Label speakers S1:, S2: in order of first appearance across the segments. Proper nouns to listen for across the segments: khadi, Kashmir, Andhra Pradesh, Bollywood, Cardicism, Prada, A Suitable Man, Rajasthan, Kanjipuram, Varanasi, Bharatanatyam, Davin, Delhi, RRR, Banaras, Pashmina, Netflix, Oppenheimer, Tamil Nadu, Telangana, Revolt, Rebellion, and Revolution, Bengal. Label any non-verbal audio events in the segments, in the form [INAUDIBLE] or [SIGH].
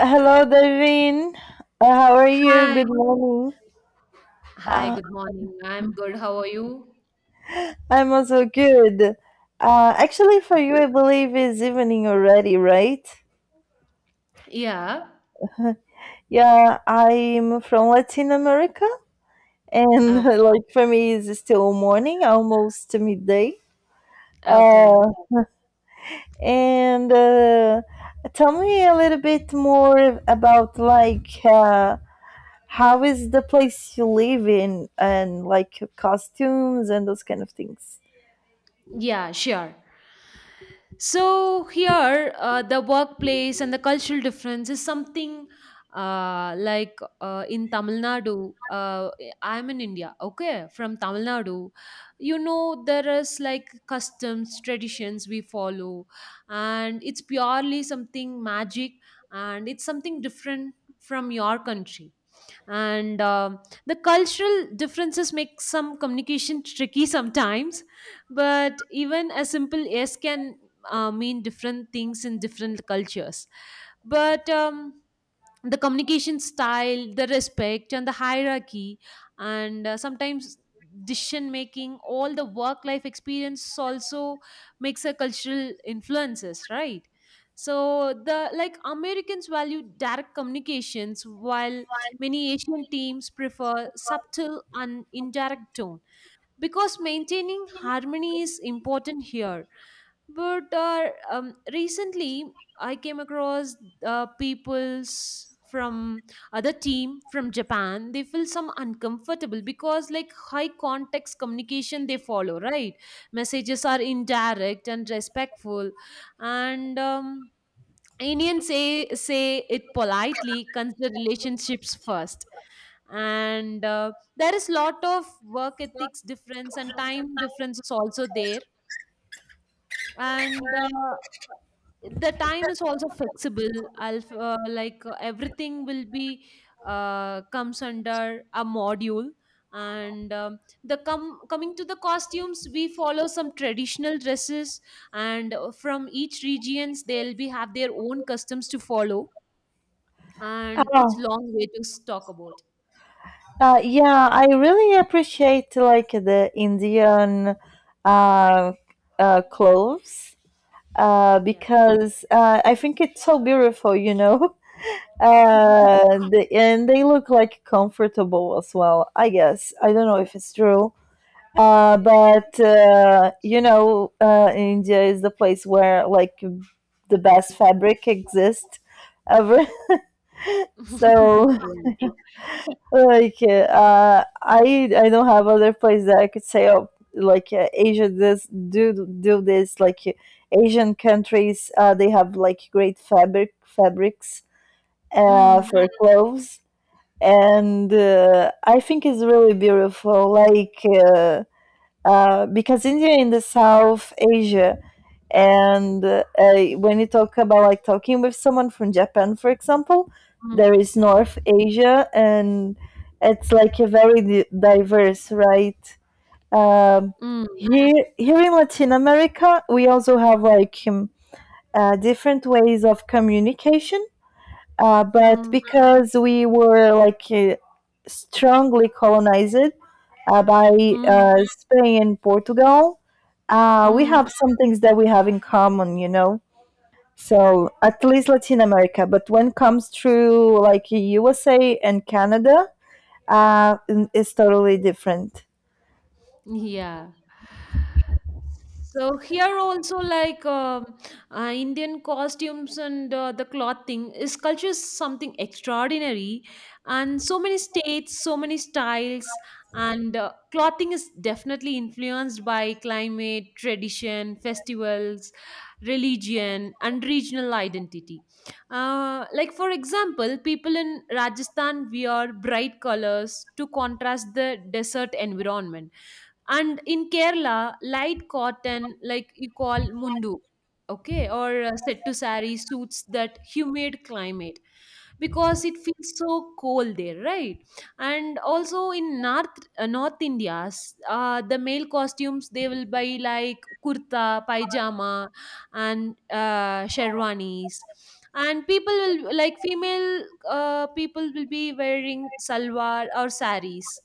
S1: Hello, Davin. How are you?
S2: Hi.
S1: Good morning.
S2: Hi,
S1: Uh,
S2: good morning. I'm good. How are you?
S1: I'm also good. Actually, for you, I believe it's evening already, right?
S2: Yeah.
S1: Yeah, I'm from Latin America, and [LAUGHS]
S2: Okay.
S1: like for me, it's still morning, almost midday.
S2: Okay.
S1: Uh, and tell me a little bit more about like how is the place you live in, and like costumes and those kind of things.
S2: Yeah, sure. So here, the workplace and the cultural difference is something in Tamil Nadu. I'm in India, okay, from Tamil Nadu. You know, there is like customs, traditions we follow, and it's purely something magic, and it's something different from your country, and the cultural differences make some communication tricky sometimes, but even a simple yes can mean different things in different cultures. But the communication style, the respect and the hierarchy, and sometimes decision making, all the work life experience also makes a cultural influences, right? So the, like, Americans value direct communications, while many Asian teams prefer subtle and indirect tone, because maintaining harmony is important here. But recently, I came across people's from other team from Japan. They feel some uncomfortable because like high context communication they follow, right? Messages are indirect and respectful, and Indians say it politely. Consider relationships first, and there is lot of work ethics difference, and time difference is also there, and the time is also flexible. I'll f- like Everything will be comes under a module, and coming to the costumes, we follow some traditional dresses, and from each regions they'll be have their own customs to follow, and it's long way to talk about.
S1: Yeah, I really appreciate like the Indian uh, clothes
S2: Yeah.
S1: because I think it's so beautiful, you know. [LAUGHS] And they look like comfortable as well. I guess I don't know if it's true, but India is the place where like the best fabric exists ever. [LAUGHS] So,
S2: [LAUGHS] Yeah.
S1: like I don't have other place that I could say oh, like Asia this do this, like Asian countries they have like great fabrics
S2: Mm,
S1: for clothes. And I think it's really beautiful, like because India in the South Asia. And when you talk about like talking with someone from Japan, for example, there
S2: mm,
S1: is North Asia, and it's like a very diverse, right? um,
S2: mm,
S1: here in Latin America we also have like different ways of communication, but
S2: mm,
S1: because we were like strongly colonized by
S2: mm,
S1: Spain and Portugal, we
S2: mm.
S1: have some things that we have in common. So at least Latin America, but when comes through like USA and Canada, uh, it's totally different.
S2: Yeah. So here also, Indian costumes, and the clothing is culture is something extraordinary, and so many states, so many styles, and clothing is definitely influenced by climate, tradition, festivals, religion, and regional identity. Like, for example, people in Rajasthan wear bright colors to contrast the desert environment, and in Kerala, light cotton, like you call mundu, okay, or settu sari, suits that humid climate because it feels so cold there, right? And also in North India, the male costumes, they will buy like kurta, pajama, and sherwanis. And people will, like, female people will be wearing salwar or saris,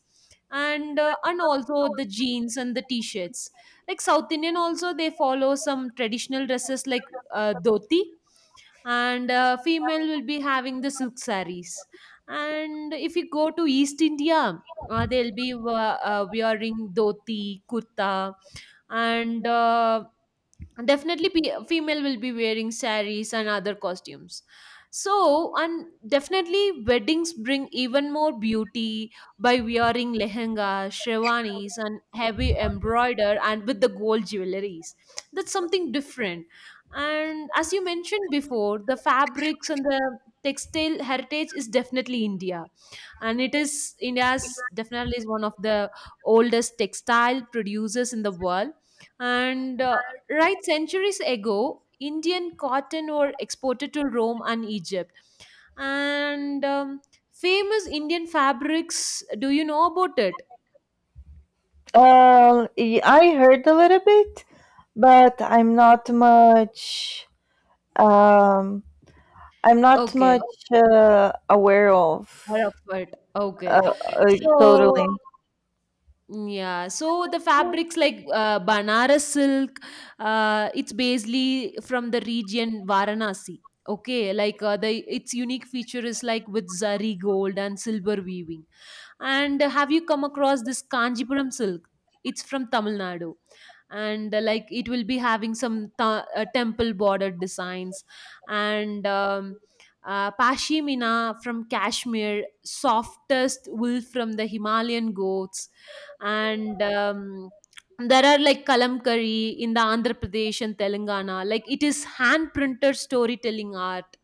S2: and also the jeans and the t-shirts. Like South Indian also, they follow some traditional dresses like dhoti, and female will be having the silk sarees. And if you go to East India, they'll be wearing dhoti kurta, and definitely female will be wearing saris and other costumes. So, and definitely weddings bring even more beauty by wearing lehenga, sherwanis and heavy embroider, and with the gold jewelries. That's something different. And as you mentioned before, the fabrics and the textile heritage is definitely India. And it is India's, definitely, is one of the oldest textile producers in the world. And right, centuries ago, Indian cotton were exported to Rome and Egypt. And Famous Indian fabrics, do you know about it?
S1: I heard a little bit, but I'm not much. Um, I'm not
S2: Okay.
S1: much aware of.
S2: All of it. Okay.
S1: Uh,
S2: So,
S1: Totally.
S2: yeah, so the fabrics like, Banaras silk, it's basically from the region Varanasi. Okay, the its unique feature is like with zari gold and silver weaving. And have you come across this Kanjipuram silk? It's from Tamil Nadu. And like it will be having some temple bordered designs. And Pashmina from Kashmir, softest wool from the Himalayan goats. And there are like kalamkari in the Andhra Pradesh and Telangana, like it is hand printed storytelling art,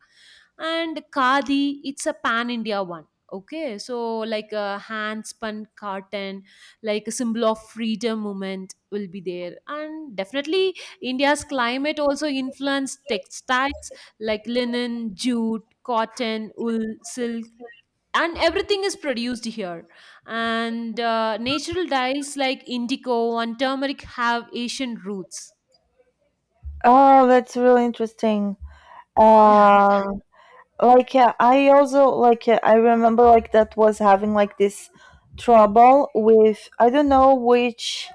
S2: and khadi, it's a pan India one. Okay, so like a hand spun cotton, like a symbol of freedom movement will be there. And definitely India's climate also influenced textiles like linen, jute, cotton, wool, silk, and everything is produced here. And natural dyes like indigo and turmeric have Asian roots.
S1: Oh, that's really interesting.
S2: [LAUGHS]
S1: Um, like yeah, I also, like yeah, I remember like that was having like this trouble with I don't know which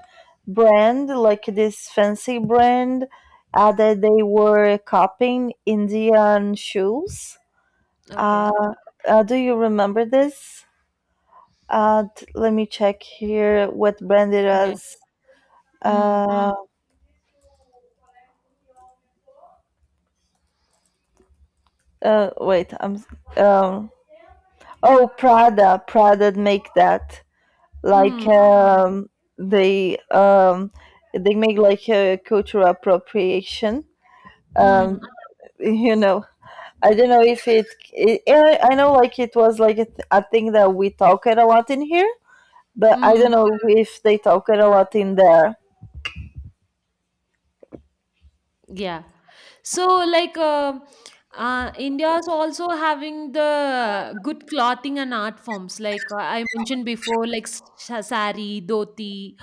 S1: brand, like this fancy brand, that they were copying Indian shoes. Uh,
S2: Okay.
S1: do you remember this? Let me check here what brand it
S2: Yeah.
S1: is.
S2: Mm.
S1: Uh, Wait, I'm. Um, Oh, Prada make that, like
S2: Mm.
S1: they um, they make like a cultural appropriation. Um,
S2: Mm.
S1: you know, I don't know if it. I know like it was like a thing that we talked a lot in here, but I don't
S2: Mm.
S1: know if they talked a lot in there.
S2: Yeah. So, India's also having the good clothing and art forms. I mentioned before, like sari, dhoti,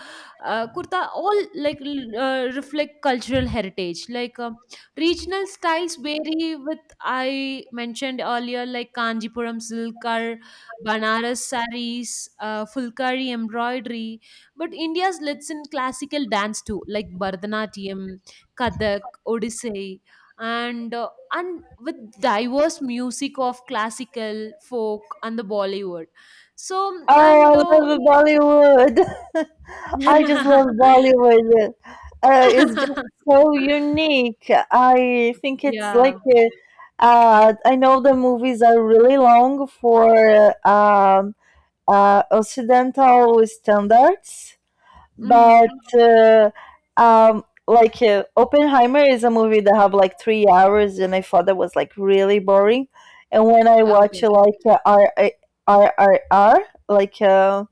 S2: kurta, all reflect cultural heritage. Like, regional styles vary with, I mentioned earlier, like Kanjipuram silk or Banaras saris, Fulkari embroidery. But India's lets in classical dance too, like Bharatanatyam, Kathak, Odissi, and with diverse music of classical, folk, and the Bollywood. So and
S1: Oh, I love Bollywood. [LAUGHS] I just love
S2: [LAUGHS]
S1: Bollywood. It's just so unique. I think it's like
S2: Yeah.
S1: I know the movies are really long for um, Occidental standards, but
S2: Mm.
S1: uh, like Oppenheimer is a movie that have like 3 hours, and I thought that was like really boring. And when I watch
S2: Okay.
S1: like RRRR, like uh,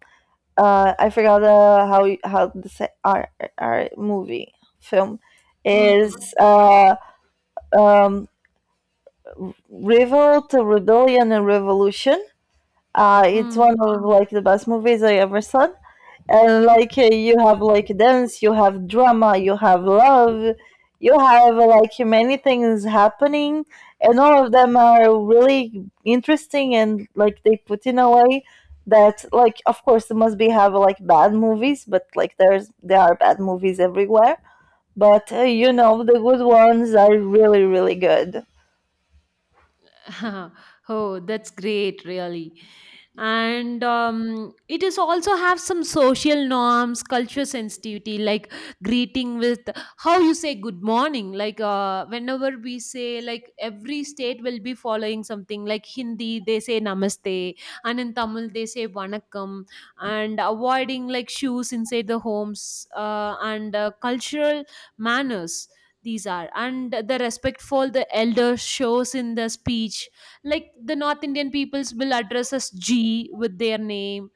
S1: uh, I forgot how how our movie film is
S2: Mm.
S1: uh, um, Revolt, Rebellion, and Revolution. It's
S2: Mm.
S1: one of like the best movies I ever saw, and like you have like dance, you have drama, you have love, you have like many things happening, and all of them are really interesting, and like they put in a way that, like, of course there must be have like bad movies, but like there are bad movies everywhere. But the good ones are really really good.
S2: [LAUGHS] Oh, that's great, really. And it is also have some social norms, culture sensitivity, like greeting with, how you say good morning, whenever we say, like every state will be following something, like Hindi they say namaste, and in Tamil they say vanakkam, and avoiding like shoes inside the homes, and cultural manners, these are, and the respect for the elders shows in the speech, like the North Indian peoples will address us g with their name,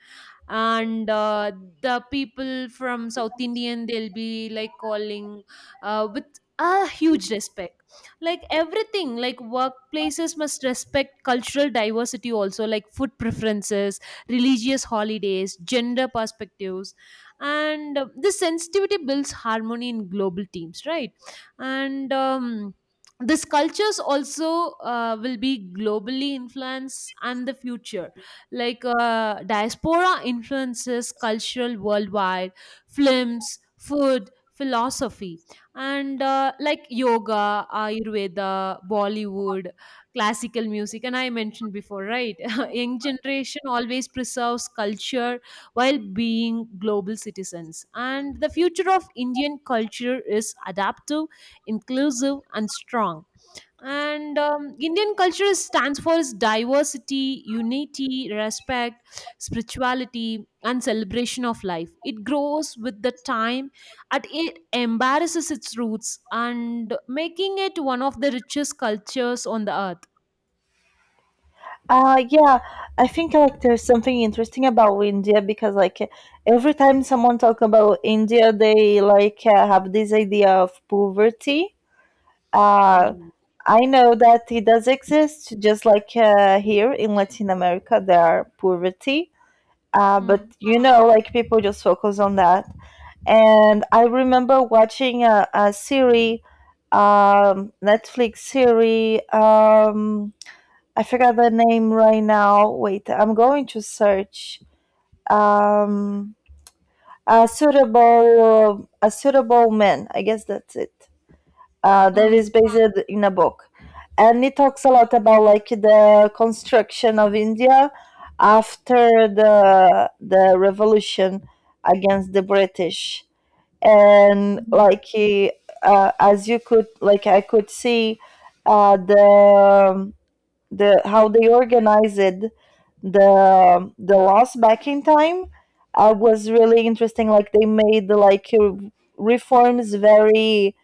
S2: and the people from South Indian, they'll be like calling with a huge respect. Like everything, like workplaces must respect cultural diversity, also like food preferences, religious holidays, gender perspectives, and this sensitivity builds harmony in global teams, right? And this cultures also will be globally influenced and the future, diaspora influences cultural worldwide, films, food, philosophy, and like yoga, ayurveda, Bollywood, classical music, and I mentioned before, right? [LAUGHS] Young generation always preserves culture while being global citizens, and the future of Indian culture is adaptive, inclusive and strong. And Indian culture stands for its diversity, unity, respect, spirituality and celebration of life. It grows with the time, and it embarrasses its roots, and making it one of the richest cultures on the earth.
S1: Yeah, I think like there's something interesting about India because, like, every time someone talk about India, they like have this idea of poverty. Uh,
S2: Yeah.
S1: I know that it does exist, just like here in Latin America, there are poverty. But
S2: Mm,
S1: like people just focus on that. And I remember watching a series, Netflix series. I forgot the name right now. Wait, I'm going to search. Um, a suitable man. I guess that's it. That
S2: mm,
S1: is based in a book, and it talks a lot about like the construction of India after the revolution against the British, and
S2: mm,
S1: like as you could, like I could see uh, the the how they organized the loss back in time, was really interesting. Like they made like reforms very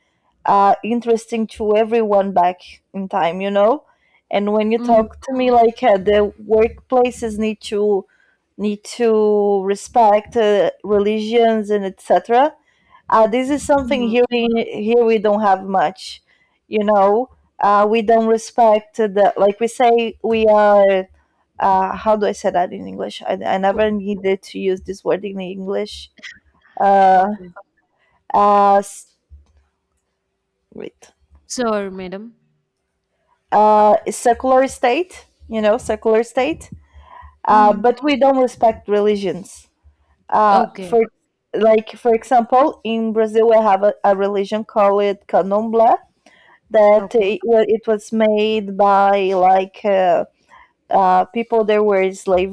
S1: interesting to everyone back in time. And when you
S2: mm,
S1: talk to me, like the workplaces need to respect religions and etc. This is something here
S2: mm.
S1: we don't have much, you know. We don't respect the, like we say we are. How do I say that in English? I
S2: Co-
S1: never needed to use this word in English. Uh,
S2: okay.
S1: uh, s- Wait.
S2: Sir, madam.
S1: Secular state, secular state. But
S2: Mm.
S1: we don't respect religions.
S2: Okay.
S1: For, like for example, in Brazil we have a religion called Candomblé, that
S2: Okay.
S1: it was made by like people that were enslaved,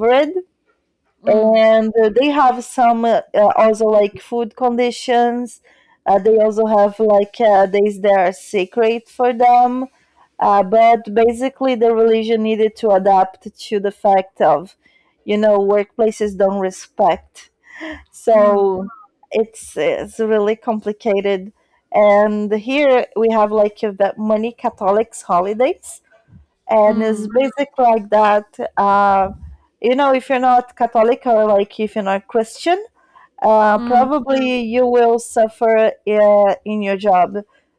S2: Mm,
S1: and they have some also like food conditions. They also have like days that are sacred for them, but basically the religion needed to adapt to the fact of workplaces don't respect. So
S2: mm,
S1: it's really complicated. And here we have like the many Catholics holidays, and it's
S2: mm,
S1: basic like that. You know, if you're not Catholic, or like if you're not Christian,
S2: mm.
S1: probably you will suffer in your job,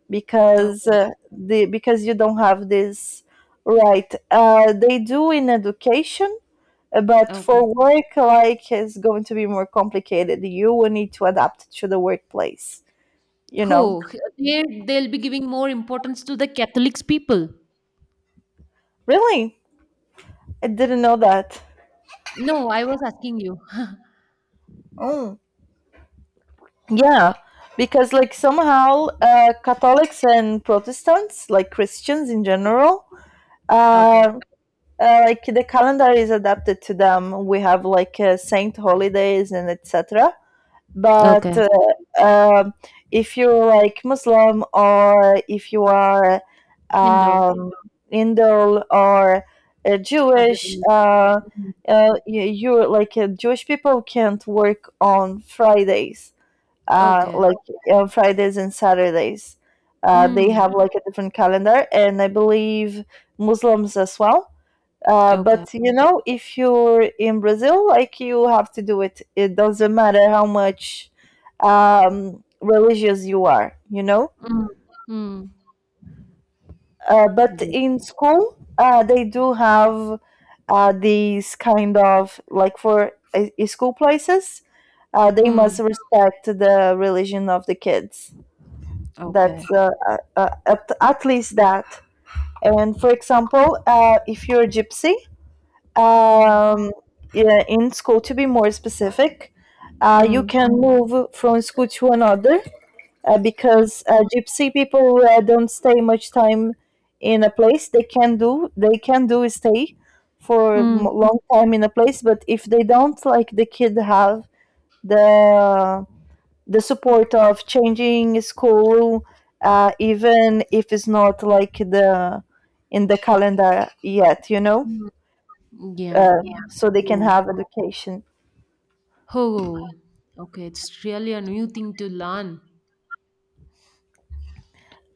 S1: because
S2: Okay.
S1: the because you don't have this right. They do in education, but
S2: Okay.
S1: for work, like, it's going to be more complicated. You will need to adapt to the workplace, you know?
S2: Oh, they they'll be giving more importance to the Catholics people.
S1: Really? I didn't know that.
S2: No, I was asking you. [LAUGHS]
S1: Mm. Yeah, because, like, somehow Catholics and Protestants, like Christians in general,
S2: Okay.
S1: uh, like the calendar is adapted to them. We have like saint holidays and etc. But
S2: Okay.
S1: if you're like Muslim, or if you are
S2: Hindu,
S1: um, Indo, or
S2: other
S1: Jewish,
S2: religion. Mm.
S1: you're like Jewish people can't work on Fridays,
S2: Okay.
S1: like on Fridays and Saturdays. They
S2: Mm.
S1: have like a different calendar, and I believe Muslims as well.
S2: Okay.
S1: But if you're in Brazil, like you have to do it. It doesn't matter how much religious you are.
S2: Mm. Mm.
S1: But
S2: Yeah.
S1: in school, they do have these kind of, like for school places, they
S2: Mm.
S1: must respect the religion of the kids. That's
S2: Okay.
S1: at least that. And for example, if you're a gypsy,
S2: Mm.
S1: um, yeah, in school to be more specific, you
S2: Mm.
S1: can move from school to another,
S2: Mm.
S1: because gypsy people don't stay much time in a place. They can do is stay for a
S2: Mm.
S1: long time in a place, but if they don't, like, the kid have the the support of changing school, even if it's not like the in the calendar yet you know
S2: Mm. Yeah.
S1: uh, Yeah, so they can
S2: Oh.
S1: have education.
S2: Oh. Okay. It's really a new thing to learn.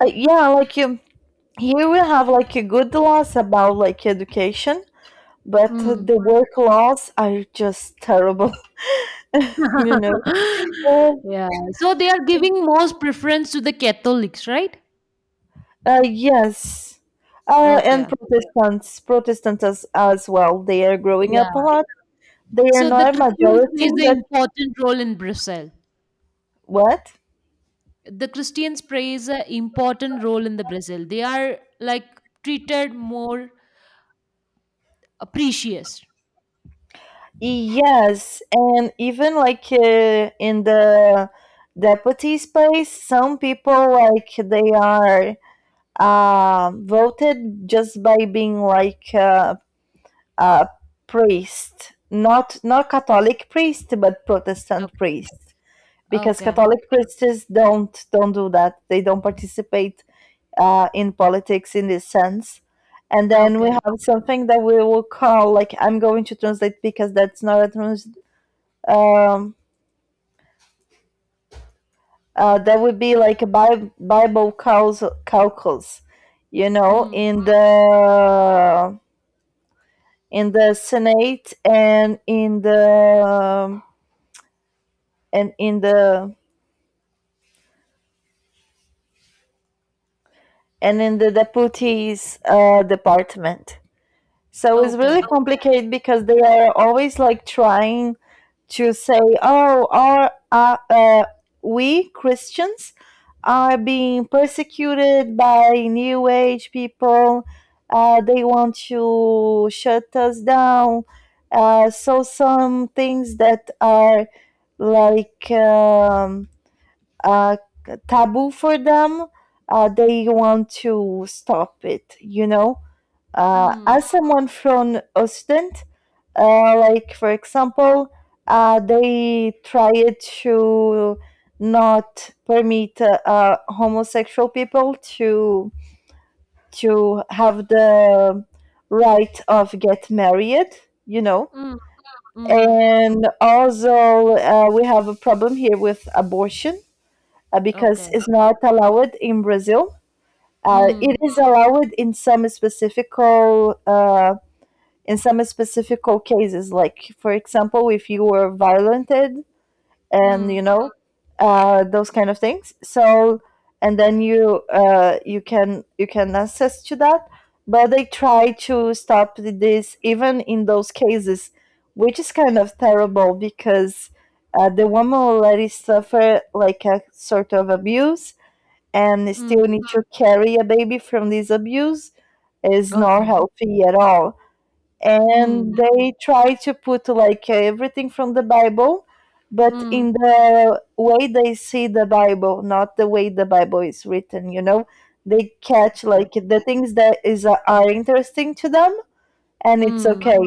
S1: Yeah, like you. Here we have like a good laws about like education, but
S2: Mm.
S1: the work laws are just terrible. [LAUGHS] you know.
S2: [LAUGHS]
S1: Oh,
S2: Yeah. So they are giving most preference to the Catholics, right?
S1: yes. And
S2: Okay.
S1: Protestants as well, they are growing up a
S2: Yeah.
S1: lot. They are
S2: So the
S1: not a
S2: Christians
S1: majority,
S2: plays an
S1: but
S2: important role in Brazil.
S1: what?
S2: The Christians plays an important role in the Brazil. They are like treated more, precious.
S1: Yes, and even like in the deputy space, some people like they are voted just by being like a priest, not Catholic priest, but Protestant
S2: Okay.
S1: priest, because
S2: Okay.
S1: Catholic priests don't do that. They don't participate in politics in this sense. And then we
S2: Okay.
S1: have something that we will call, like, I'm going to translate because that's not a trans. Um, that would be like a Bible calls calculus,
S2: Mm.
S1: in the Senate and in the and in the and in the deputies department. So it's really
S2: Okay.
S1: complicated because they are always like trying to say, "Oh, are we Christians are being persecuted by New Age people? They want to shut us down." So some things that are, like a taboo for them, they want to stop it, you know?
S2: Mm.
S1: As someone from Occident, like for example, they try to not permit homosexual people to have the right of get married, you know.
S2: Mm. Mm.
S1: And also, we have a problem here with abortion, because
S2: Okay.
S1: it's not allowed in Brazil. It
S2: Mm.
S1: is allowed in some specific in some specific cases, like for example, if you were violated and
S2: Mm.
S1: those kind of things. So and then you can access to that, but they try to stop this even in those cases, which is kind of terrible because the woman already suffered like a sort of abuse, and
S2: Mm.
S1: still need to carry a baby from this abuse is not
S2: Okay.
S1: healthy at all. And
S2: Mm.
S1: they try to put like everything from the Bible, but
S2: Mm.
S1: in the way they see the Bible, not the way the Bible is written, you know? They catch
S2: Okay.
S1: like the things that is are interesting to them and it's
S2: Mm.
S1: okay.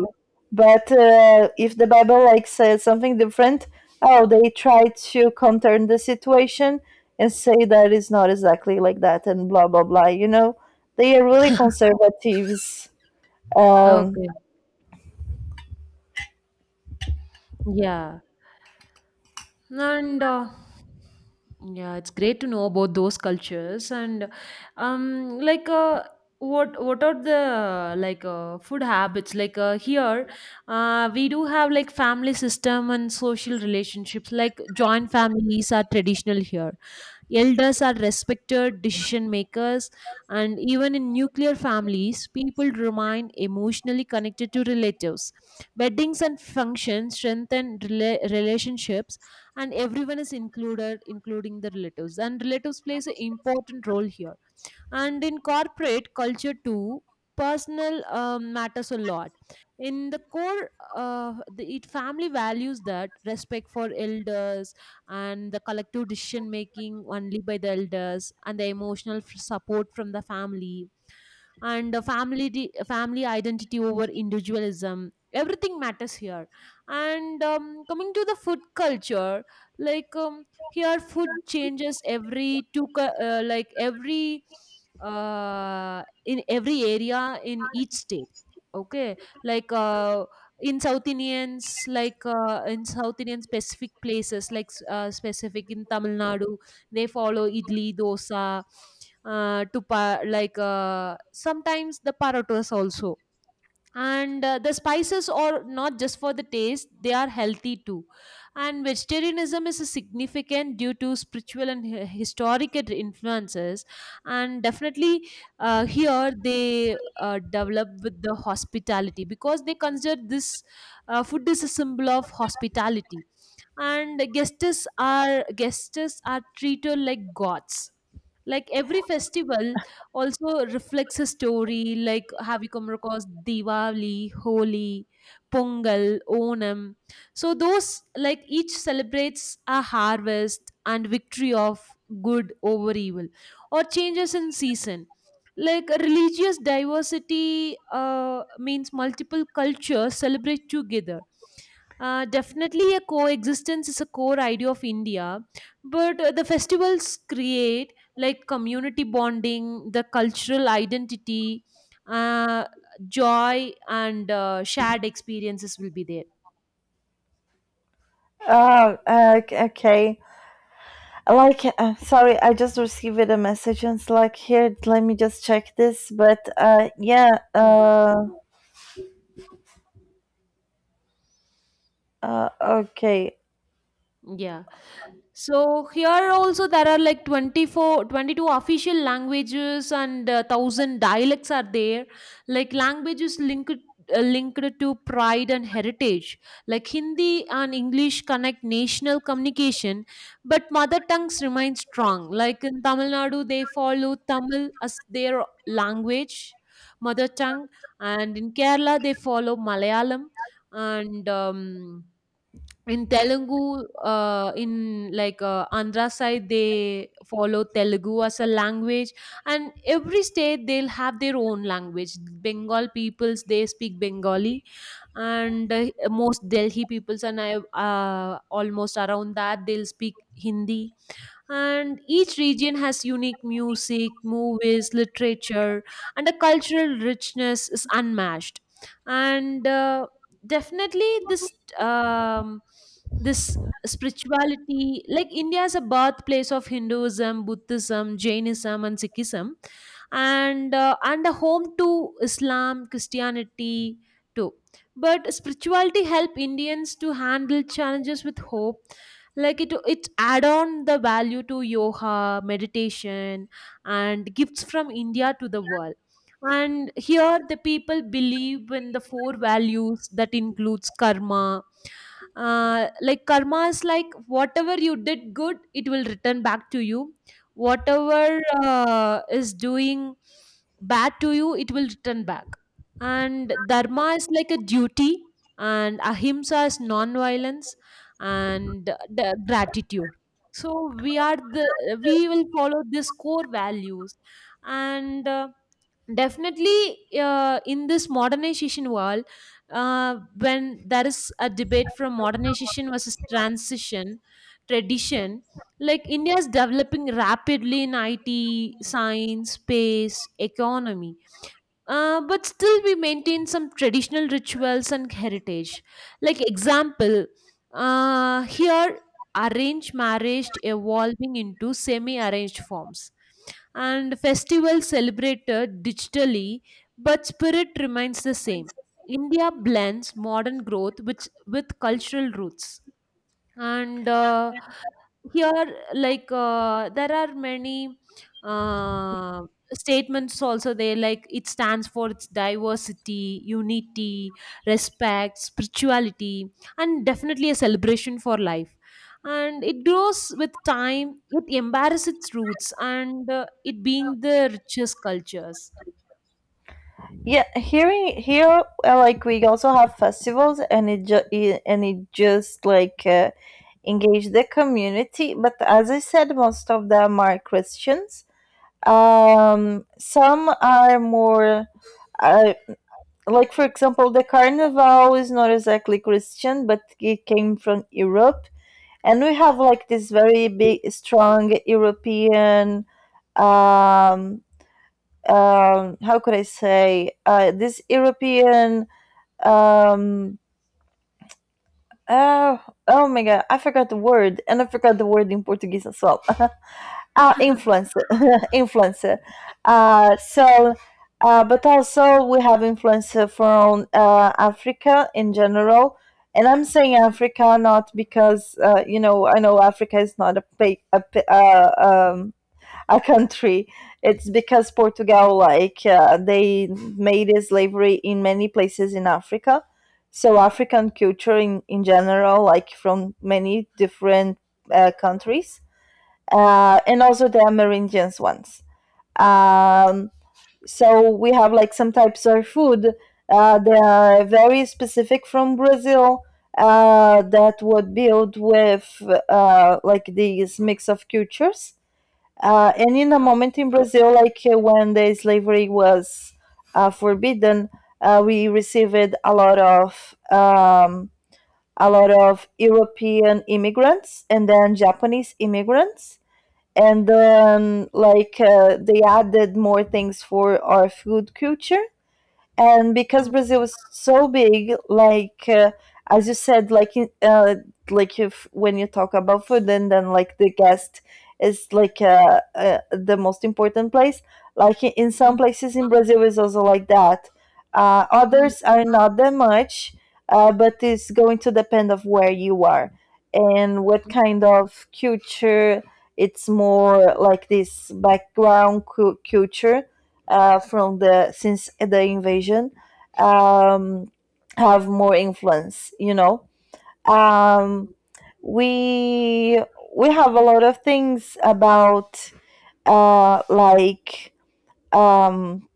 S1: But if the Bible like says something different, oh, they try to counter the situation and say that it's not exactly like that and blah blah blah. You know, they are really
S2: [LAUGHS]
S1: conservatives. Um,
S2: Okay. Yeah. And yeah, it's great to know about those cultures and like, what are the, food habits like. Here we do have like family system and social relationships, like joint families are traditional here. Elders are respected decision makers, and even in nuclear families, people remain emotionally connected to relatives. Weddings and functions strengthen relationships, and everyone is included including the relatives, and relatives plays an important role here. And in corporate culture too, personal matters a lot. In the core, the it family values that respect for elders, and the collective decision making only by the elders, and the emotional support from the family, and the family identity over individualism, everything matters here. And coming to the food culture, here food changes every two cu- like every in every area in each state. Okay. like uh, in South Indians, in South Indian specific places like, specific in Tamil Nadu, they follow idli, dosa, to pa- like sometimes the parotas also. And the spices are not just for the taste, they are healthy too. And vegetarianism is a significant due to spiritual and historical influences. And definitely here they develop with the hospitality, because they consider this, food is a symbol of hospitality, and guests are treated like gods. Like every festival also reflects a story, like have you come across Diwali, Holi, Pongal, Onam? So those, like, each celebrates a harvest and victory of good over evil, or changes in season. Like religious diversity means multiple cultures celebrate together. Definitely, a coexistence is a core idea of India, but the festivals create like community bonding, the cultural identity, uh, joy, and shared experiences will be there.
S1: oh, okay. Okay. Like, sorry, I just received a message and it's like, here, let me just check this. But
S2: Mm.
S1: okay.
S2: Yeah. So here also there are like 24, 22 official languages, and 1,000 dialects are there. Like languages linked linked to pride and heritage. Like Hindi and English connect national communication, but mother tongues remain strong. Like in Tamil Nadu, they follow Tamil as their language, mother tongue, and in Kerala they follow Malayalam, and. In Telugu, in Andhra side, they follow Telugu as a language, and every state they'll have their own language. Bengal peoples they speak Bengali, and most Delhi peoples and I, uh, almost around that, they'll speak Hindi. And each region has unique music, movies, literature, and the cultural richness is unmatched. And definitely, um, this spirituality, like India, is a birthplace of Hinduism, Buddhism, Jainism, and Sikhism, and and a home to Islam, Christianity too. But spirituality help Indians to handle challenges with hope, like it add on the value to yoga, meditation, and gifts from India to the world. And here the people believe in the four values that includes karma. Like karma is like, whatever you did good, it will return back to you. Whatever is doing bad to you, it will return back. And dharma is like a duty, and ahimsa is non-violence, and the gratitude. So we are the, we will follow these core values. And definitely, in this modernization world, when there is a debate from modernization versus transition tradition, like India is developing rapidly in it, science, space, economy, but still we maintain some traditional rituals and heritage. Like example, here arranged marriage evolving into semi-arranged forms, and festivals celebrated digitally, but spirit remains the same. India blends modern growth with cultural roots, and here there are many uh, statements also there, like it stands for its diversity, unity, respect, spirituality, and definitely a celebration for life. And it grows with time, it embarrasses its roots, and it being the richest cultures.
S1: Yeah, here like we also have festivals and it, ju- it and it just like engage the community, but as I said, most of them are Christians. Some are more uh, like, for example, the carnival is not exactly Christian, but it came from Europe. And we have like this very big strong European um how could I say, this European um uh, oh my god, I forgot the word, and I forgot the word in Portuguese as well. [LAUGHS] Ah,
S2: [LAUGHS]
S1: influencer. [LAUGHS] Influencer. So but also we have influencer from Africa in general. And I'm saying Africa not because you know, I know Africa is not um, a country. It's because Portugal, like, they made slavery in many places in Africa. So African culture in general, like from many different countries, and also the Amerindians ones. Um, so we have like some types of food. They are very specific from Brazil, that would build with like these mix of cultures. And in a
S2: Oh,
S1: moment in Brazil, like when the slavery was forbidden, we received a lot of European immigrants and then Japanese immigrants, and then like they added more things for our food culture. And because
S2: mm,
S1: Brazil is so big, like as you said, like like if when you talk about food, and then like the guest is like the most important place. Like in some
S2: mm,
S1: places in Brazil is also like that.
S2: mm,
S1: Others are not that much, but it's going to depend of where you are and what kind of culture. It's more like this background culture from the since the invasion um, have more influence. You know, um,
S2: mm,
S1: we have a lot of things about like um,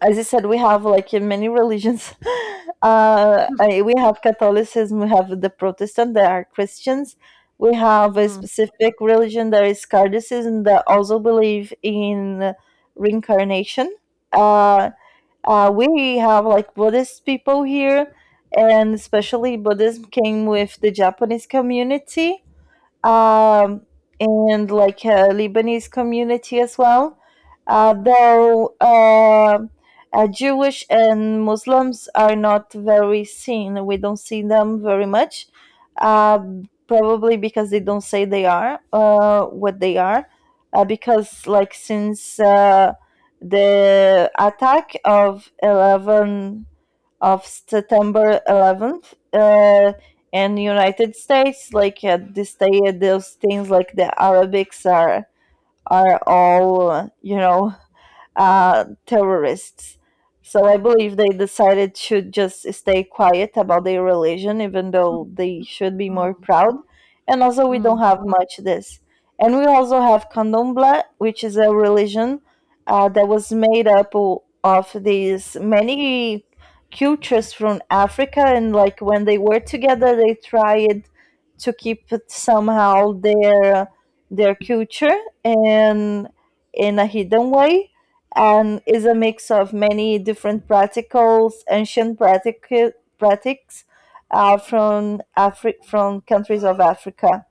S1: as I said, we have like in many religions. [LAUGHS] We have Catholicism, we have the Protestant, there are Christians. We have
S2: mm,
S1: a
S2: mm,
S1: specific religion that is Cardicism that also believe in reincarnation. Uh, we have like Buddhist people here, and especially Buddhism came with the Japanese community, um, and like a Lebanese community as well. Though Jewish and Muslims are not very seen, we don't see them very much, uh, probably because they don't say they are what they are. Because like since the attack of 11 of September 11th in United States. Like at this day, those things like the Arabics are all you know, terrorists. So I believe they decided to just stay quiet about their religion, even though they should be more
S2: mm,
S1: proud. And also, we
S2: mm,
S1: don't
S2: mm,
S1: have much this. And we also have Candomblé, which is a religion that was made up of these many cultures from Africa. And like when they were together, they tried to keep it somehow their culture and in a hidden way, and is a mix of many different practicals, ancient practices from countries of Africa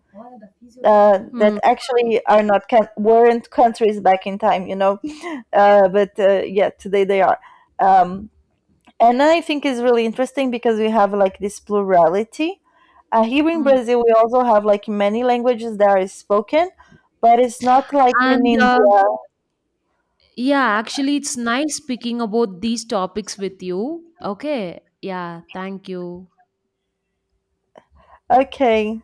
S2: mm.
S1: that actually are not can- weren't countries back in time, you know. [LAUGHS] But yeah, today they are, um, and I think it's really interesting because we have like this plurality. Here in
S2: Mm.
S1: Brazil, we also have like many languages that are spoken, but it's not like in
S2: And
S1: India.
S2: yeah, actually, it's nice speaking about these topics with you. Okay. Yeah. Thank you.
S1: Okay,